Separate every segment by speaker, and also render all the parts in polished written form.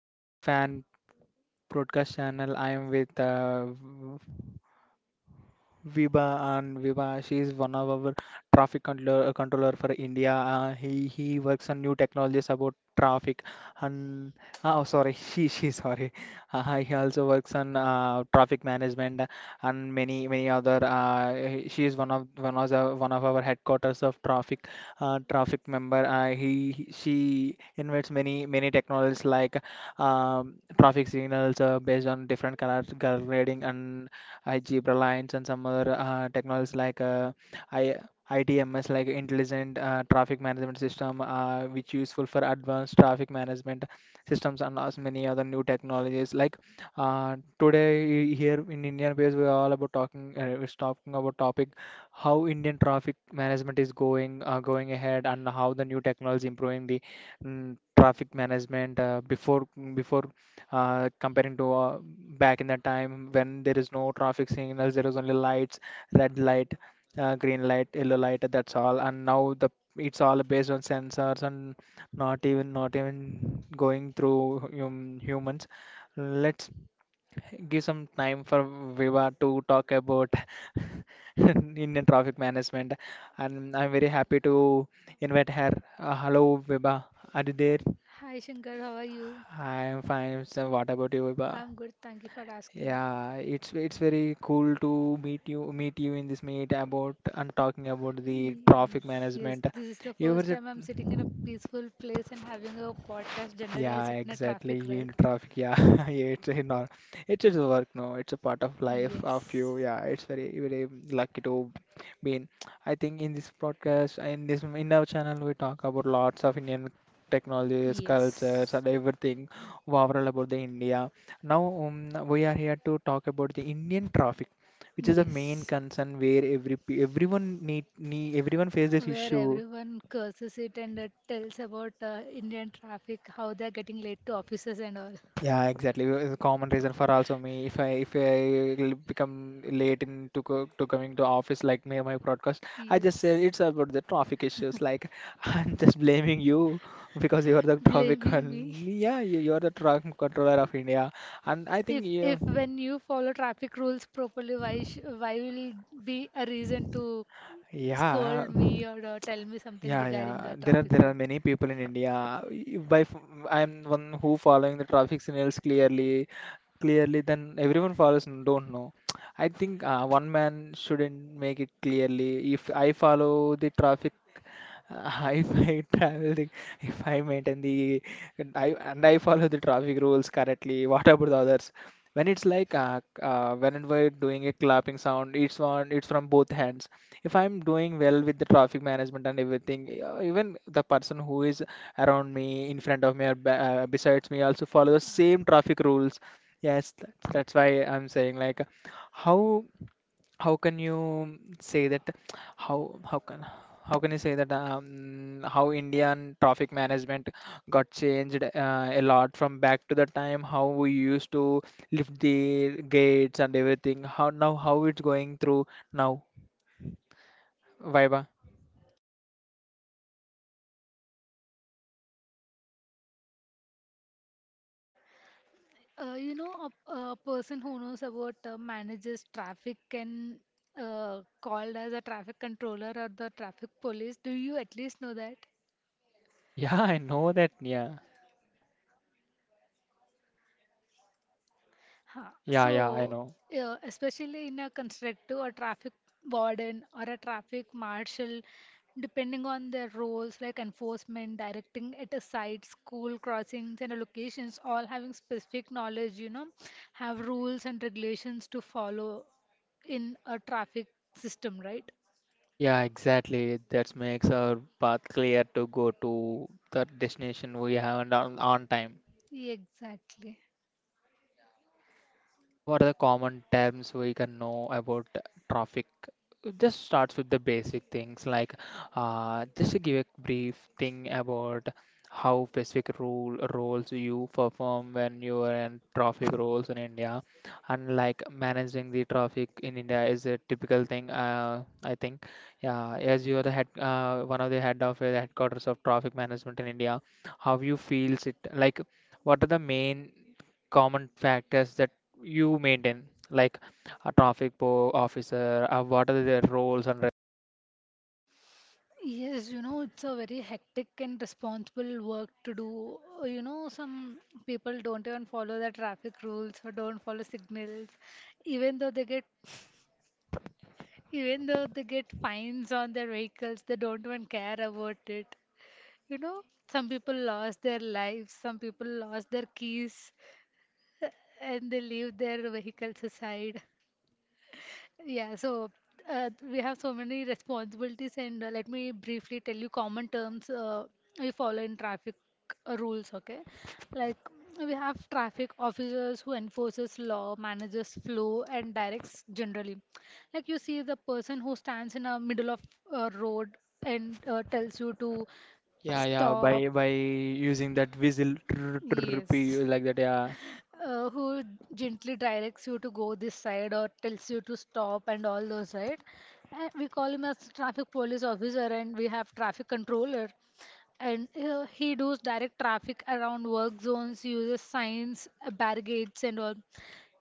Speaker 1: Indian Fan Broadcast Channel. I am with Viva and Viva, she is one of our traffic controller, controller for India. He works on new technologies about traffic, and oh sorry, she sorry. He also works on traffic management and many other. She is one of our headquarters of traffic traffic member. She invents many many technologies like traffic signals based on different color color grading and. I Jeep Reliance and some other technologies like I ITMS like intelligent traffic management system which useful for advanced traffic management systems and as many other new technologies like today here in Indian base we are all about talking we're talking about topic how Indian traffic management is going going ahead and how the new technology improving the traffic management before before comparing to back in the time when there is no traffic signals, there is only lights, red light, green light, yellow light, that's all. And now the it's all based on sensors and not even going through humans. Let's give some time for Viva to talk about Indian traffic management, and I'm very happy to invite her. Hello, Viva. Are you there?
Speaker 2: Hi Shankar, how are you?
Speaker 1: I am fine. So, what about you, Viva?
Speaker 2: I'm good, thank you for asking.
Speaker 1: Yeah, it's very cool to meet you in this meet about and talking about the
Speaker 2: Y-
Speaker 1: traffic
Speaker 2: Yes,
Speaker 1: management.
Speaker 2: this is the
Speaker 1: You were
Speaker 2: first
Speaker 1: the
Speaker 2: time I'm sitting in a peaceful place and having a podcast. Generally, I
Speaker 1: Yeah,
Speaker 2: sit in a
Speaker 1: exactly.
Speaker 2: traffic, right?
Speaker 1: In traffic, yeah, it's a nor it's just work no, it's a part of life of
Speaker 2: Yes,
Speaker 1: you. Yeah, it's very very lucky to be in. I think in this podcast, in this in our channel, we talk about lots of Indian technologies, cultures,
Speaker 2: yes,
Speaker 1: and everything overall about the India. Now we are here to talk about the Indian traffic, which is the main
Speaker 2: yes.
Speaker 1: concern where everyone need, need everyone faces this
Speaker 2: Where
Speaker 1: issue.
Speaker 2: everyone curses it and tells about Indian traffic, how they're getting late to offices and all.
Speaker 1: Yeah, exactly. It's a common reason for also me if I will become late in to coming to office like me my broadcast. I just said
Speaker 2: Yes,
Speaker 1: it's about the traffic issues. Like I'm just blaming you because you are the traffic
Speaker 2: blaming me.
Speaker 1: con yeah you are the traffic controller of India, and I think
Speaker 2: If
Speaker 1: you
Speaker 2: if when you follow traffic rules properly, why will be a reason to
Speaker 1: yeah.
Speaker 2: scold me or tell me something
Speaker 1: Yeah,
Speaker 2: regarding a
Speaker 1: yeah.
Speaker 2: traffic
Speaker 1: There
Speaker 2: thing?
Speaker 1: are many people in India. I'm one who following the traffic signals clearly, clearly. Then everyone follows and don't know. I think one man shouldn't make it clearly. If I follow the traffic, if I travel, the, if I maintain the, and I follow the traffic rules correctly. What about the others? When it's like when we're doing a clapping sound, it's one it's from both hands if I'm doing well with the traffic management and everything even the person who is around me in front of me or besides me also follow the same traffic rules. Yes that's why I'm saying like how how can you say that how how can how can you say that how Indian traffic management got changed a lot from back to the time how we used to lift the gates and everything how now how it's going through now Viva.
Speaker 2: A person who knows about manages traffic can called as a traffic controller or the traffic police. Do you at least know that?
Speaker 1: Yeah, I know that. Yeah,
Speaker 2: Huh.
Speaker 1: yeah, yeah, I
Speaker 2: So,
Speaker 1: know.
Speaker 2: especially in a constructive or traffic warden or a traffic marshal, depending on their roles like enforcement, directing at a site, school crossings, and locations, all having specific knowledge, you know, have rules and regulations to follow in a traffic system, right?
Speaker 1: Yeah, exactly. That makes our path clear to go to the destination we have on time.
Speaker 2: Exactly.
Speaker 1: What are the common terms we can know about traffic? Just starts with the basic things like just to give a brief thing about how specific rule roles you perform when you are in traffic roles in India, and like managing the traffic in India is a typical thing. I think, yeah, as you are the head, one of the head of the headquarters of traffic management in India, how you feels it like? What are the main common factors that you maintain, like a traffic po officer, what are their roles and re-
Speaker 2: Yes, you know, it's a very hectic and responsible work to do. You know, some people don't even follow the traffic rules or don't follow signals. Even though they get even though they get fines on their vehicles, they don't even care about it. You know, some people lost their lives, some people lost their keys, and they leave their vehicles aside. Yeah, so we have so many responsibilities, and let me briefly tell you common terms we follow in traffic rules. Okay, like we have traffic officers who enforces law, manages flow, and directs generally. Like you see the person who stands in a middle of a road and tells you to
Speaker 1: yeah, yeah,
Speaker 2: stop.
Speaker 1: by using that whistle trrr, trrr,
Speaker 2: Yes,
Speaker 1: pe- like that, yeah.
Speaker 2: who gently directs you to go this side or tells you to stop and all those, right? And we call him as traffic police officer and we have traffic controller. And he does direct traffic around work zones, uses signs, barricades, and all.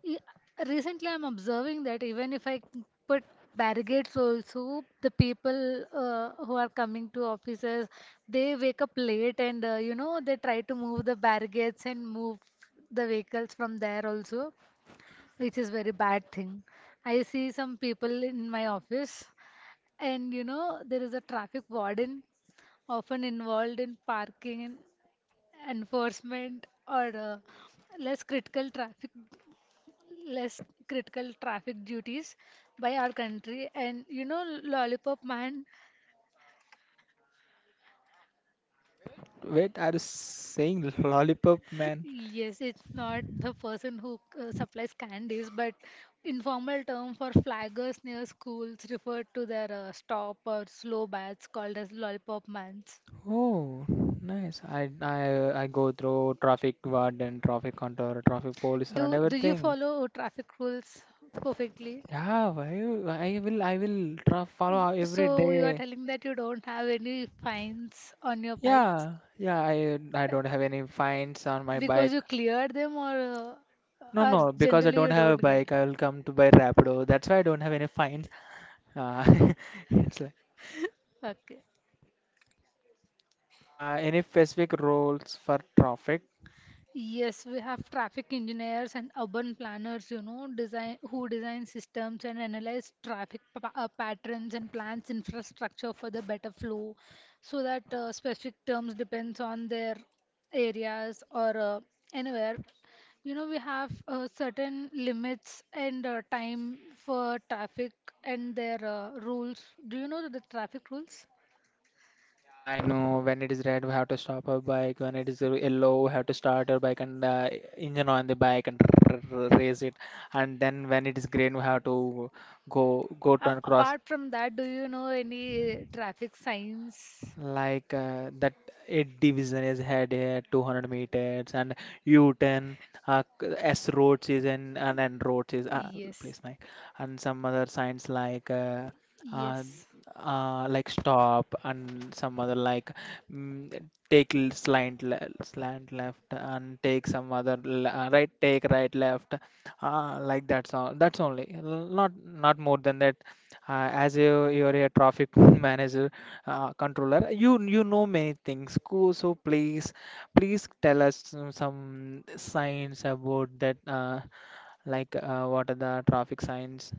Speaker 2: E- Recently, I'm observing that even if I put barricades also, the people who are coming to offices, they wake up late and you know they try to move the barricades and move the vehicles from there also, which is very bad thing. I see some people in my office, and you know there is a traffic warden often involved in parking, enforcement, or less critical traffic less critical traffic duties by our country. And you know, Lollipop Man,
Speaker 1: Wait, wait, are you saying lollipop man?
Speaker 2: yes, it's not the person who supplies candies, but informal term for flaggers near schools referred to their stop or slow bats called as Lollipop Mans.
Speaker 1: Oh, nice. I go through traffic guard and traffic control, traffic police and
Speaker 2: Do you
Speaker 1: everything.
Speaker 2: follow traffic rules perfectly?
Speaker 1: Yeah, why you- I will tra follow every
Speaker 2: So you are
Speaker 1: day.
Speaker 2: telling that you don't have any fines on your bikes
Speaker 1: Yeah, yeah. I don't have any fines on my
Speaker 2: because
Speaker 1: bike.
Speaker 2: you clear them or uh,
Speaker 1: No,
Speaker 2: or
Speaker 1: no, because I
Speaker 2: generally
Speaker 1: don't
Speaker 2: you
Speaker 1: have a
Speaker 2: don't get.
Speaker 1: bike, I will come to buy Rapido. That's why I don't have any fines. Uh, it's like
Speaker 2: Okay.
Speaker 1: any specific rules for traffic.
Speaker 2: Yes, we have traffic engineers and urban planners, you know, design who design systems and analyze traffic pa patterns and plans infrastructure for the better flow, so that specific terms depends on their areas or anywhere. You know, we have certain limits and time for traffic and their rules. Do you know the traffic rules?
Speaker 1: I know when it is red, we have to stop our bike. When it is yellow, we have to start our bike and engine on the bike and raise it. And then when it is green, we have to go to and cross.
Speaker 2: Apart from that, do you know any traffic signs?
Speaker 1: Like that eight division is had here 200 meters and U-turn S roads is in and N roads is
Speaker 2: Yes,
Speaker 1: place my and some other signs uh,
Speaker 2: yes,
Speaker 1: like stop and some other like mm, take slant left and take some other l right take right left like that's all that's only not not more than that as you you're a traffic manager controller. You know many things. Cool. So please please tell us some signs about that. Like what are the traffic signs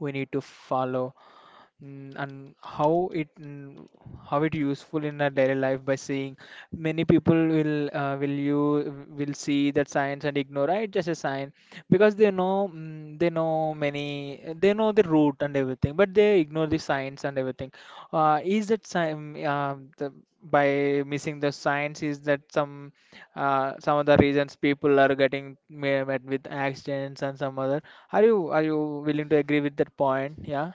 Speaker 1: we need to follow? And how it how it useful in our daily life by seeing many people will you will see that science and ignore "Ah, it's just a sign because they know they know many they know the root and everything but they ignore the science and everything is that sign by missing the science is that some of the reasons people are getting ma- met with accidents and some other are you willing to agree with that point yeah.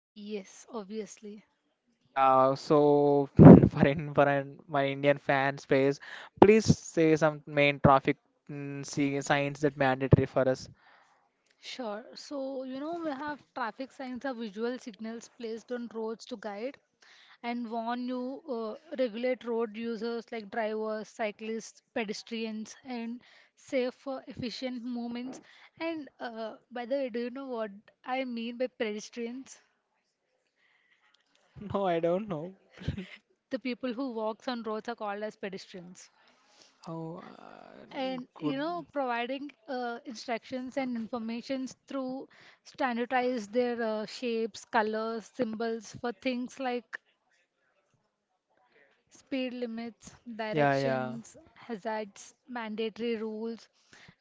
Speaker 2: yes, obviously.
Speaker 1: Yeah, so for in my Indian fan space, please say some main traffic see, signs that mandatory for us.
Speaker 2: Sure. So, you know, we have traffic signs are visual signals placed on roads to guide and warn you regulate road users like drivers, cyclists, pedestrians, and safe for efficient movements. And by the way, do you know what I mean by pedestrians?
Speaker 1: No, I don't know.
Speaker 2: The people who walks on roads are called as pedestrians.
Speaker 1: Oh,
Speaker 2: And you
Speaker 1: good.
Speaker 2: know, providing instructions and informations through standardize their shapes, colors, symbols for things like speed limits,
Speaker 1: Yeah, yeah,
Speaker 2: directions, hazards, mandatory rules.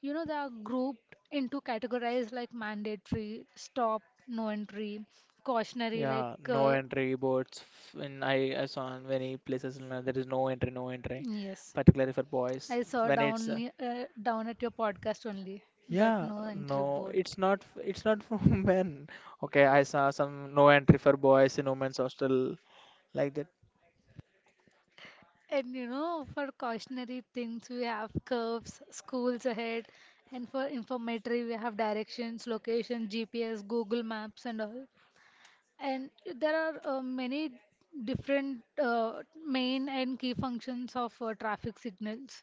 Speaker 2: You know, they are grouped into categories like mandatory, stop, no entry, cautionary,
Speaker 1: yeah.
Speaker 2: like,
Speaker 1: No entry boards. In I saw in many places you know, there is no entry, no entry,
Speaker 2: yes.
Speaker 1: particularly for boys.
Speaker 2: I saw
Speaker 1: When it's
Speaker 2: down at your podcast only that
Speaker 1: yeah,
Speaker 2: no entry
Speaker 1: no,
Speaker 2: board.
Speaker 1: it's not. It's not for men. Okay, I saw some no entry for boys in women's hostel like that.
Speaker 2: And you know, for cautionary things, we have curves, schools ahead, and for informatory, we have directions, location, GPS, Google Maps, and all. And there are many different main and key functions of traffic signals.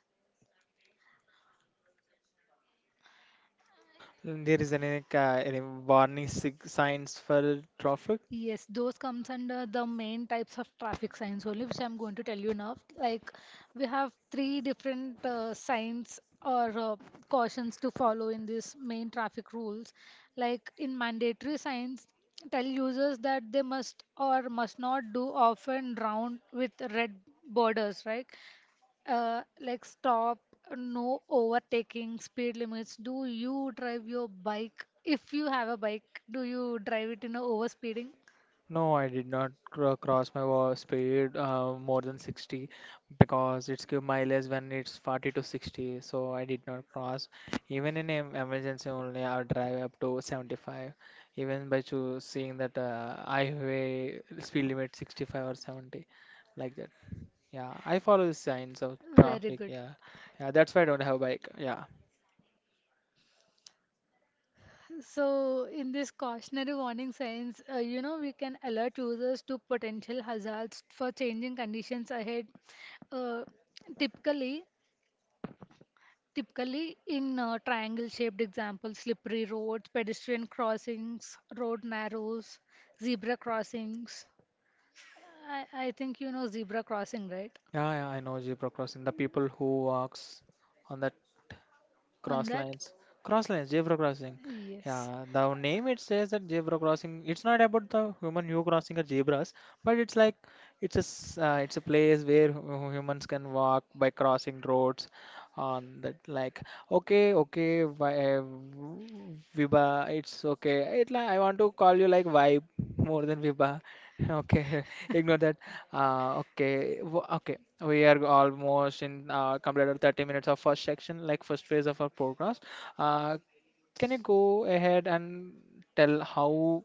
Speaker 1: There is any, ca- any warning sig- signs for traffic?
Speaker 2: Yes, those comes under the main types of traffic signs only, which I'm going to tell you now. Like we have 3 different signs or cautions to follow in these main traffic rules. Like in mandatory signs, tell users that they must or must not do often round with red borders, right? Like stop, no overtaking, speed limits. Do you drive your bike? If you have a bike, do you drive it in a overspeeding?
Speaker 1: No, I did not cross my wa- speed more than 60 because it's give mileage when it's 40 to 60. So I did not cross. Even in em- emergency only, I'll drive up to 75. Even by choo- seeing that highway speed limit 65 or 70, like that. Yeah, I follow the signs of
Speaker 2: Very
Speaker 1: traffic.
Speaker 2: good.
Speaker 1: Yeah, yeah. That's why I don't have bike. Yeah.
Speaker 2: So, in this cautionary warning signs, you know, we can alert users to potential hazards for changing conditions ahead. Uh, typically, typically, in triangle-shaped examples, slippery roads, pedestrian crossings, road narrows, zebra crossings. I think you know zebra crossing, right?
Speaker 1: Yeah, yeah, I know zebra crossing. The people who walks on that
Speaker 2: On
Speaker 1: cross
Speaker 2: that?
Speaker 1: lines, cross lines, zebra crossing.
Speaker 2: Yes.
Speaker 1: Yeah, the name it says that zebra crossing. It's not about the human who crossing the zebras, but it's like it's a place where hu- humans can walk by crossing roads. On that, like okay, okay, Vibha, it's okay. It like I want to call you like vibe more than Vibha. Okay, ignore that. Okay, okay. We are almost in completed 30 minutes of first section, like first phase of our programs. Uh, can you go ahead and tell how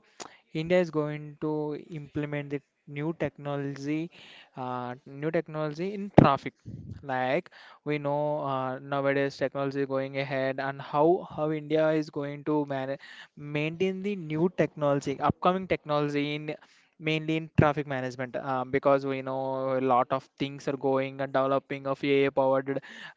Speaker 1: India is going to implement the new technology in traffic? Like we know nowadays technology going ahead, and how India is going to manage maintain the new technology, upcoming technology in mainly in traffic management because we know a lot of things are going and developing of AI powered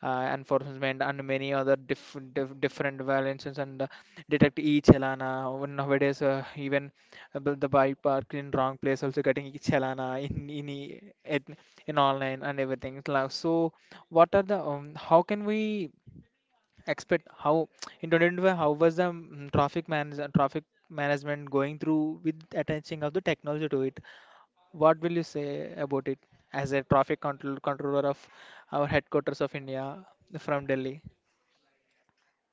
Speaker 1: enforcement and many other different violations and detect each chalana. When nowadays even the bike parked in wrong place also getting each chalana in online and everything. Like, so what are the how can we expect how in 2025 how was the traffic manage traffic management going through with attaching of the technology to it what will you say about it as a traffic control controller of our headquarters of India from Delhi?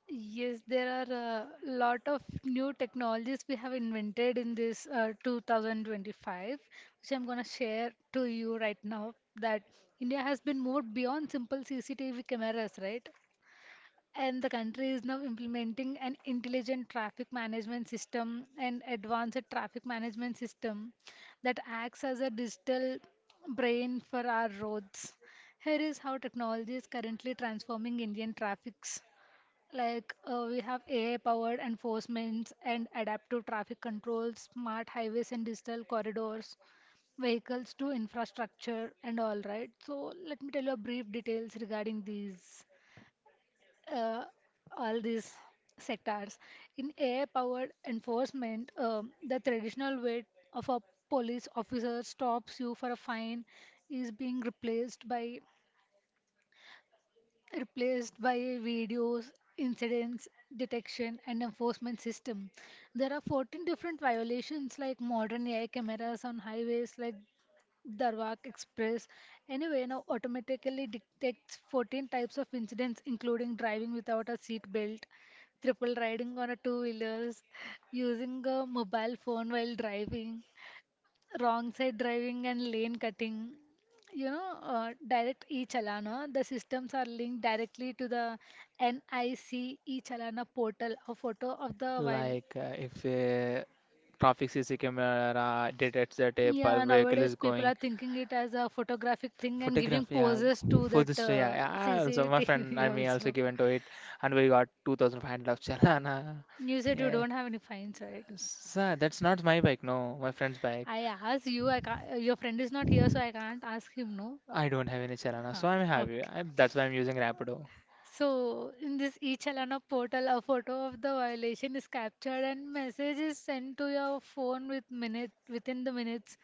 Speaker 2: Yes, there are a lot of new technologies we have invented in this 2025, which I'm going to share to you right now. That India has been moved beyond simple CCTV cameras, right? And the country is now implementing an intelligent traffic management system an advanced traffic management system that acts as a digital brain for our roads. Here is how technology is currently transforming Indian traffics. Like we have AI powered enforcements and adaptive traffic controls, smart highways and digital corridors, vehicles to infrastructure and all right. So let me tell you a brief details regarding these uh, all these sectors. In AI-powered enforcement, the traditional way of a police officer stops you for a fine is being replaced by videos, incidents, detection, and enforcement system. There are 14 different violations like modern AI cameras on highways, like Darwak Express. Anyway, now automatically detects 14 types of incidents, including driving without a seat belt, triple riding on a two wheelers, using a mobile phone while driving, wrong side driving, and lane cutting. You know, direct e chalana, the systems are linked directly to the NIC e chalana portal, a photo of the while.
Speaker 1: Like if a traffic CC camera detects that a per
Speaker 2: Yeah,
Speaker 1: vehicle
Speaker 2: nowadays
Speaker 1: is
Speaker 2: people
Speaker 1: going,
Speaker 2: are thinking it as a photographic thing and giving
Speaker 1: photograph, yeah,
Speaker 2: poses to
Speaker 1: for
Speaker 2: that
Speaker 1: this, yeah, yeah. I Also, my friend
Speaker 2: CCTV
Speaker 1: and me also
Speaker 2: also.
Speaker 1: given to it, and we got 2,500 of chalana.
Speaker 2: You said you
Speaker 1: Yeah,
Speaker 2: don't have any fines, right?
Speaker 1: sir, that's not my bike, no, my friend's bike.
Speaker 2: I asked you, I can't, your friend is not here, so I can't ask him, no?
Speaker 1: I don't have any chalana,
Speaker 2: Huh,
Speaker 1: so I'm happy.
Speaker 2: okay.
Speaker 1: I, that's why I'm using Rapido.
Speaker 2: So, in this e-chalana portal, a photo of the violation is captured and message is sent to your phone with minute within the minutes.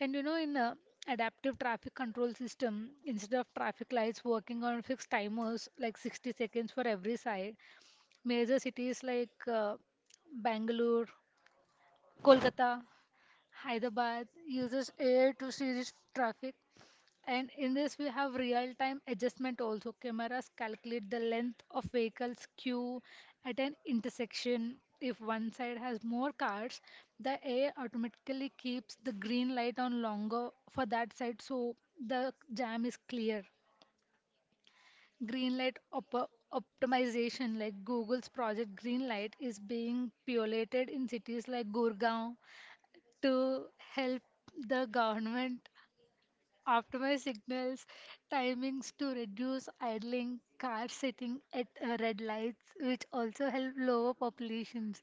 Speaker 2: And you know, in adaptive traffic control system, instead of traffic lights working on fixed timers like 60 seconds for every side, major cities like Bangalore, Kolkata, Hyderabad uses air to series traffic, and in this we have real-time adjustment also. Cameras calculate the length of vehicles queue at an intersection. If one side has more cars, the air automatically keeps the green light on longer for that side, so the jam is clear. Optimization, like Google's project Green Light, is being piloted in cities like Gurgaon, to help the government optimize signals timings to reduce idling, car sitting at red lights, which also help lower populations.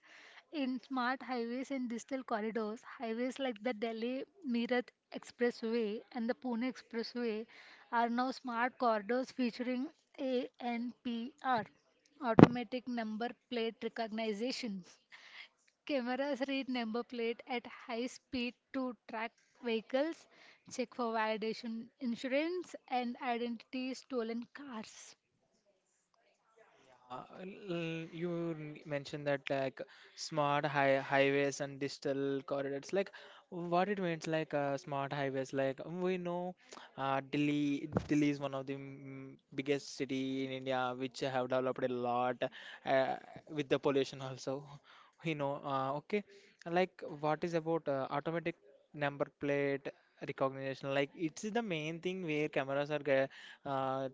Speaker 2: In smart highways and digital corridors, highways like the Delhi Meerut Expressway and the Pune Expressway are now smart corridors featuring ANPR, automatic number plate recognition. Cameras read number plate at high speed to track vehicles, check for validation insurance, and identity stolen cars.
Speaker 1: Yeah, you mentioned that, like, smart high highways and digital corridors. Like, what it means, like, smart highways. Like, we know, Delhi is one of the biggest city in India which have developed a lot uh, with the pollution also. We know. Okay, like, what is about automatic number plate recognition? Like, it's the main thing where cameras are uh,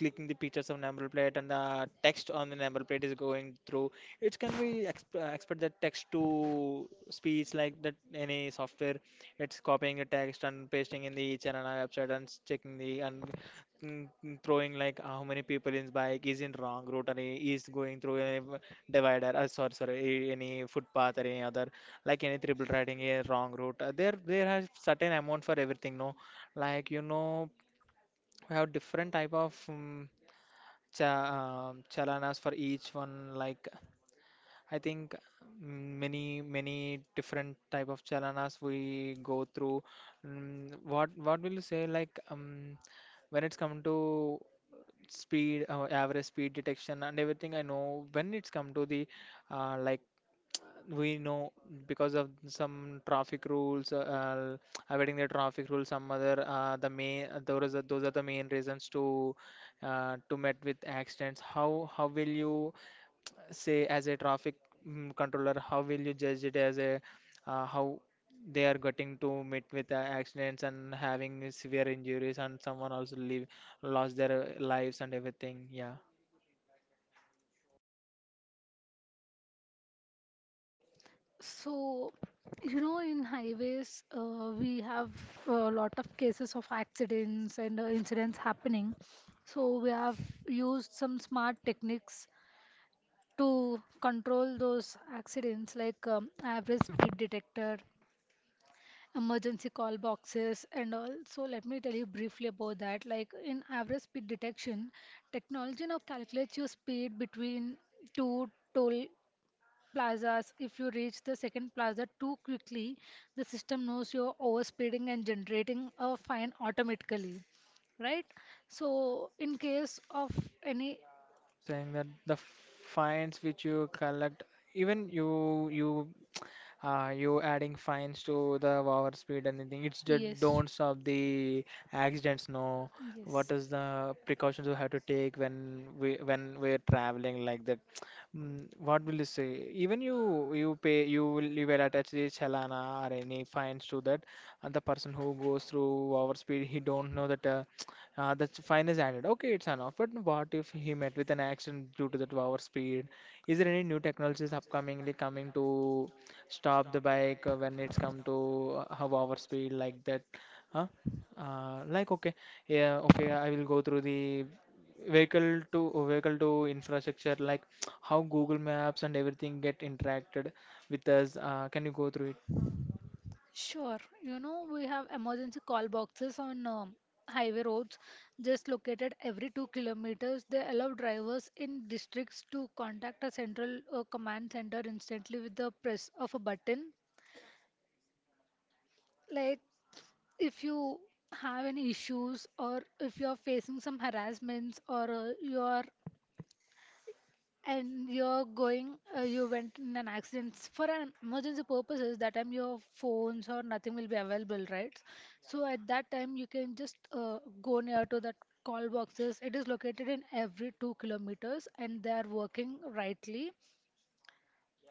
Speaker 1: clicking the pictures of number plate, and the text on the number plate is going through. It can be expect that text to speech, like that, any software. It's copying the text and pasting in the each and another website, and checking the, and throwing like how many people in bike is in wrong route and is going through a divider, sorry, any footpath or any other, like any triple riding a wrong route. There has certain amount for everything, no? Like, you know, we have different type of cha- chalanas for each one. Like, I think many different type of chalanas we go through. Mm, what will you say, like, when it's come to speed, average speed detection and everything. I know when it's come to the like, we know, because of some traffic rules, avoiding the traffic rules, some other, the main, those are the main reasons to met with accidents. How will you say, as a traffic controller, how will you judge it as a, how they are getting to meet with accidents and having severe injuries, and someone also leave lost their lives and everything, yeah.
Speaker 2: So, you know, in highways, we have a lot of cases of accidents and incidents happening. So, we have used some smart techniques to control those accidents, like average speed detector, emergency call boxes and all. So let me tell you briefly about that. Like in average speed detection, technology now calculates your speed between two toll plazas. If you reach the second plaza too quickly, the system knows you're overspeeding and generating a fine automatically. Right? So in case of any
Speaker 1: I'm saying that the finds which you collect, even you adding fines to the over speed and anything, it's the
Speaker 2: yes.
Speaker 1: don't stop the accidents. No, what
Speaker 2: Yes.
Speaker 1: is the precautions you have to take when we're traveling like that? Mm, what will you say? Even you you pay you will attach the chalana or any fines to that. And the person who goes through over speed, he don't know that. The fine is added. Okay, it's enough. But what if he met with an accident due to that over speed? Is there any new technologies upcomingly coming to stop the bike when it's come to, half hour speed like that? Huh. Like, okay. Yeah, okay, I will go through the vehicle to vehicle to infrastructure, like, how Google Maps and everything get interacted with us. Can you go through it?
Speaker 2: Sure. You know, we have emergency call boxes on highway roads just located every 2 kilometers. They allow drivers in districts to contact a central command center instantly with the press of a button. Like if you have any issues or if you are facing some harassments or you are and you're going you went in an accident for an emergency purposes that time your phones or nothing will be available, right? So at that time you can just go near to that call boxes, it is located in every 2 kilometers and they are working rightly.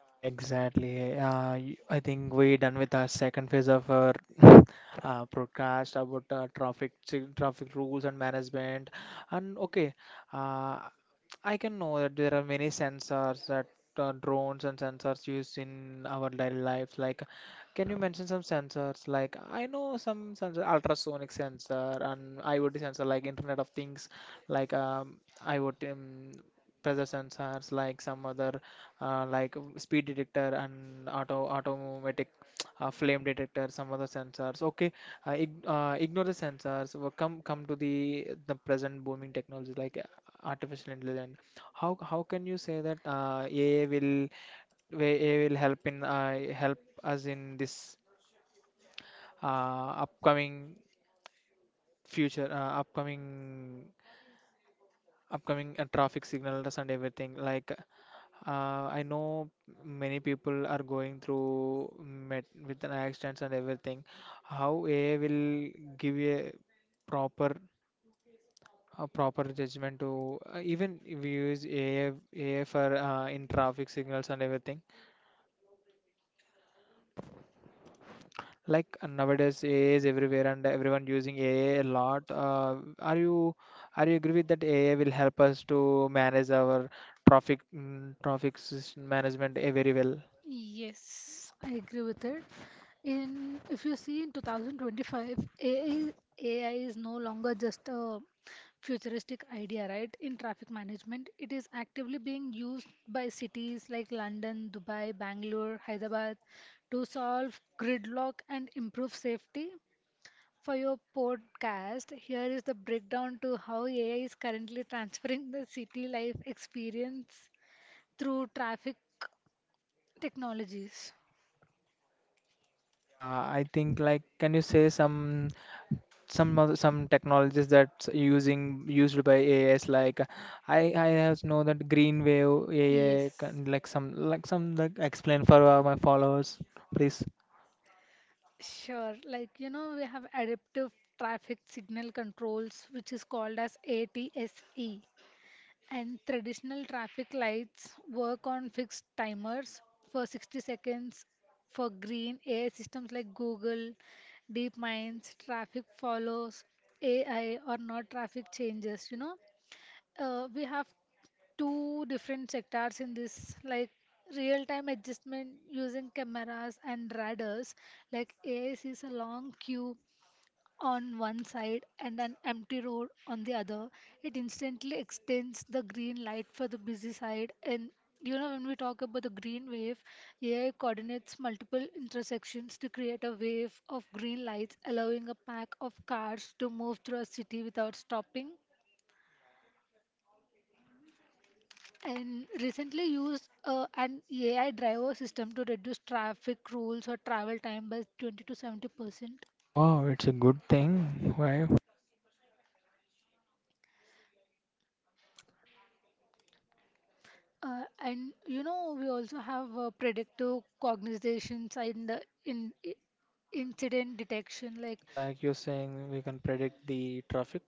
Speaker 1: Exactly. I think we done with our second phase of our broadcast about traffic rules and management. And okay, uh, I can know that there are many sensors, that drones and sensors used in our daily lives. Like, can you mention some sensors? Like, I know some sensor, ultrasonic sensor and IoT sensor, like Internet of Things, like, IoT, pressure sensors, like some other, like, speed detector and automatic flame detector, some other sensors. Okay, ig ignore the sensors. Come to the present booming technology, like artificial intelligence. How can you say that, AI will, where AI will help in, help us in this upcoming future, upcoming upcoming traffic signals and everything? Like, I know many people are going through met with an accidents and everything. How AI will give proper a proper judgment to, even we use AI for, in traffic signals and everything. Like, nowadays AI is everywhere and everyone using AI a lot. Are you are you agree with that AI will help us to manage our traffic system management, eh, very well?
Speaker 2: Yes, I agree with it. In if you see in 2025, AI, is no longer just a futuristic idea, right? In traffic management, it is actively being used by cities like London, Dubai, Bangalore, Hyderabad to solve gridlock and improve safety. For your podcast, here is the breakdown to how AI is currently transferring the city life experience through traffic technologies.
Speaker 1: Yeah, I think, like, can you say some some technologies that's using used by A AIs, like, uh, I have know that green wave AI
Speaker 2: Yes.
Speaker 1: can, like some, like some, like, explain for my followers, please.
Speaker 2: Sure. We have adaptive traffic signal controls, which is called as ATSE. And traditional traffic lights work on fixed timers for 60 seconds for green. AI systems like Google, DeepMinds, traffic follows AI or not traffic changes. We have two different sectors in this, like real time adjustment using cameras and radars. Like AI sees a long queue on one side and an empty road on the other, it instantly extends the green light for the busy side. And when we talk about the green wave, AI coordinates multiple intersections to create a wave of green lights, allowing a pack of cars to move through a city without stopping. And recently used an AI driver system to reduce traffic rules or travel time by 20 to 70%.
Speaker 1: Wow, it's a good thing. Why?
Speaker 2: We also have predictive cognitions and the incident detection, like.
Speaker 1: Like you're saying, we can predict the traffic.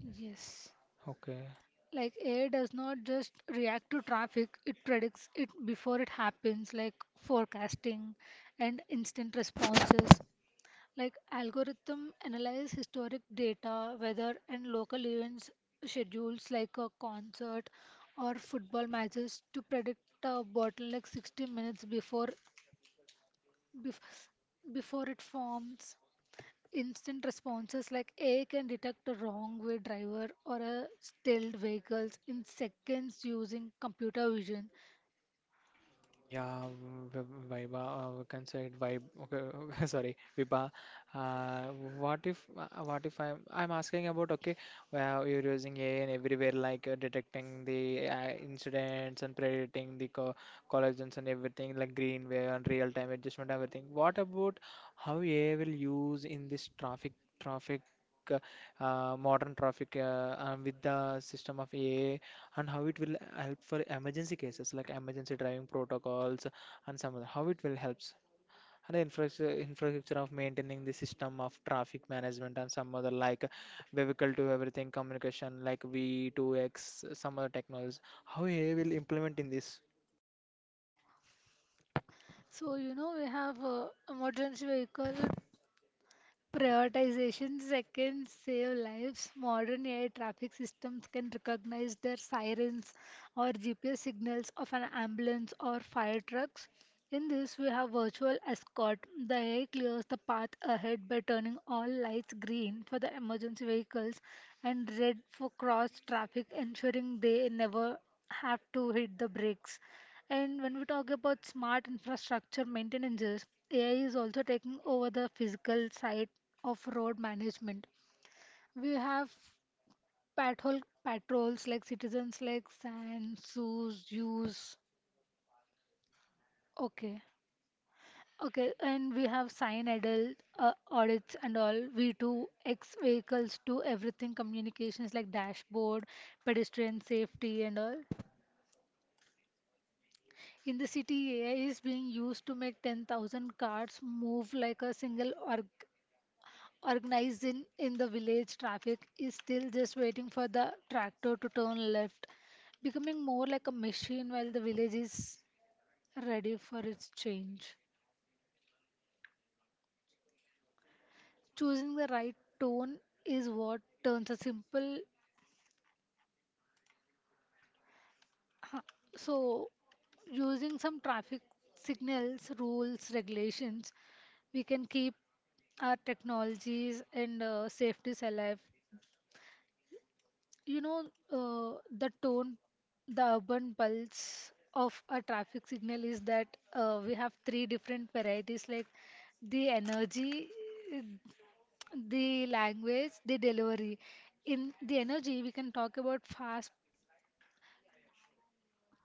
Speaker 2: Yes.
Speaker 1: Okay.
Speaker 2: Like AI does not just react to traffic, it predicts it before it happens, like forecasting and instant responses. Like algorithm analyze historic data, weather and local events, schedules like a concert or football matches to predict a bottle like 60 minutes before bef- before it forms. Instant responses like AI can detect a wrong way driver or a stalled vehicles in seconds using computer vision.
Speaker 1: Yeah, Viva, we can say it vibe. Okay, sorry, Vipa. What if I'm asking about, okay, well, you're using AI and everywhere, like, detecting the incidents and predicting the co collisions and everything, like greenway and real-time adjustment, everything. What about how AI will use in this traffic, uh, modern traffic, with the system of AI? And how it will help for emergency cases, like emergency driving protocols and some other, how it will helps, and the infrastructure of maintaining the system of traffic management and some other, like vehicle to everything communication, like V2X, some other technologies, how AI will implement in this.
Speaker 2: So we have emergency vehicle prioritization. Seconds save lives. Modern AI traffic systems can recognize their sirens or GPS signals of an ambulance or fire trucks. In this, we have virtual escort. The AI clears the path ahead by turning all lights green for the emergency vehicles and red for cross traffic, ensuring they never have to hit the brakes. And when we talk about smart infrastructure maintenance, AI is also taking over the physical site of road management. We have patrols like citizens like and zoos, use. Okay, okay, and we have sign adult audits and all. We do X vehicles to everything communications like dashboard, pedestrian safety and all. In the city, AI is being used to make 10,000 cars move like a single org organized. In the village, traffic is still just waiting for the tractor to turn left, becoming more like a machine while the village is ready for its change. Choosing the right tone is what turns a simple. Huh, so, using some traffic signals, rules, regulations, we can keep our technologies and safeties alive. You know, the tone, the urban pulse of a traffic signal is that we have three different varieties, like the energy, uh, the language, the delivery. In the energy, we can talk about fast,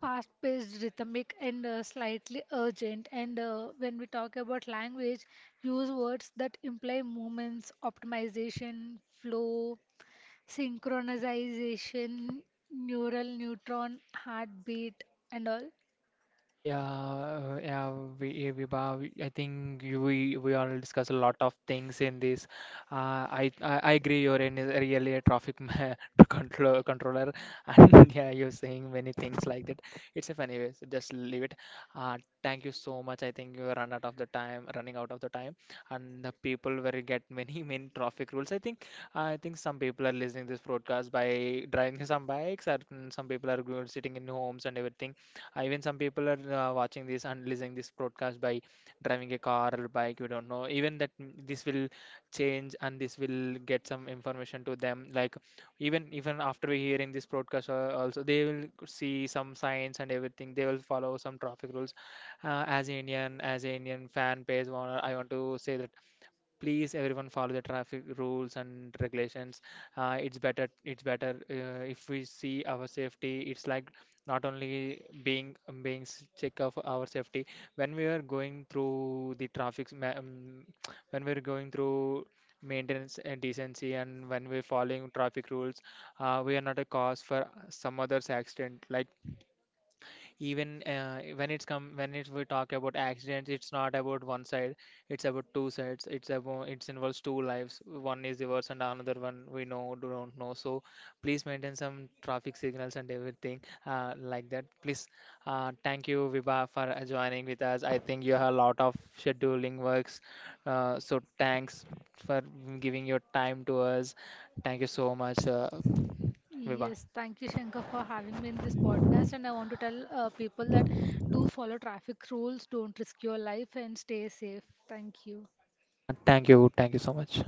Speaker 2: fast-paced, rhythmic, and slightly urgent. And when we talk about language, use words that imply movements, optimization, flow, synchronization, neural neutron, heartbeat, and all.
Speaker 1: Yeah, uh, yeah, yeah, Vibha, I think we all discuss a lot of things in this. I agree. You're in is really a controller, and yeah, you're saying many things like that. It's a funny way, so just leave it. Uh, Thank you so much. I think you run out of the time, running out of the time, and the people will get many traffic rules. I think some people are listening this broadcast by driving some bikes, and some people are sitting in homes and everything. Even some people are watching this and listening this broadcast by driving a car or bike. We don't know. Even that, this will change, and this will get some information to them. Like, even after hearing this broadcast, also, they will see some signs and everything. They will follow some traffic rules. As an Indian fan page owner, I want to say that please, everyone, follow the traffic rules and regulations. It's better, if we see our safety. It's like not only being being check of our safety. When we are going through the when we're going through maintenance and decency, and when we're following traffic rules, we are not a cause for some others accident. Like, even, when it's come when it's we talk about accidents, it's not about one side, it's about two sides. It's about, it involves two lives: one is yours, and another one, we know don't know. So please maintain some traffic signals and everything, like that, please. Thank you, Vibha, for joining with us. I think you have a lot of scheduling works, so thanks for giving your time to us. Thank you so much, Vibha.
Speaker 2: Yes, thank you, Shankar, for having me in this podcast. And I want to tell people that do follow traffic rules, don't risk your life, and stay safe. Thank you.
Speaker 1: Yeah, thank you, thank you so much.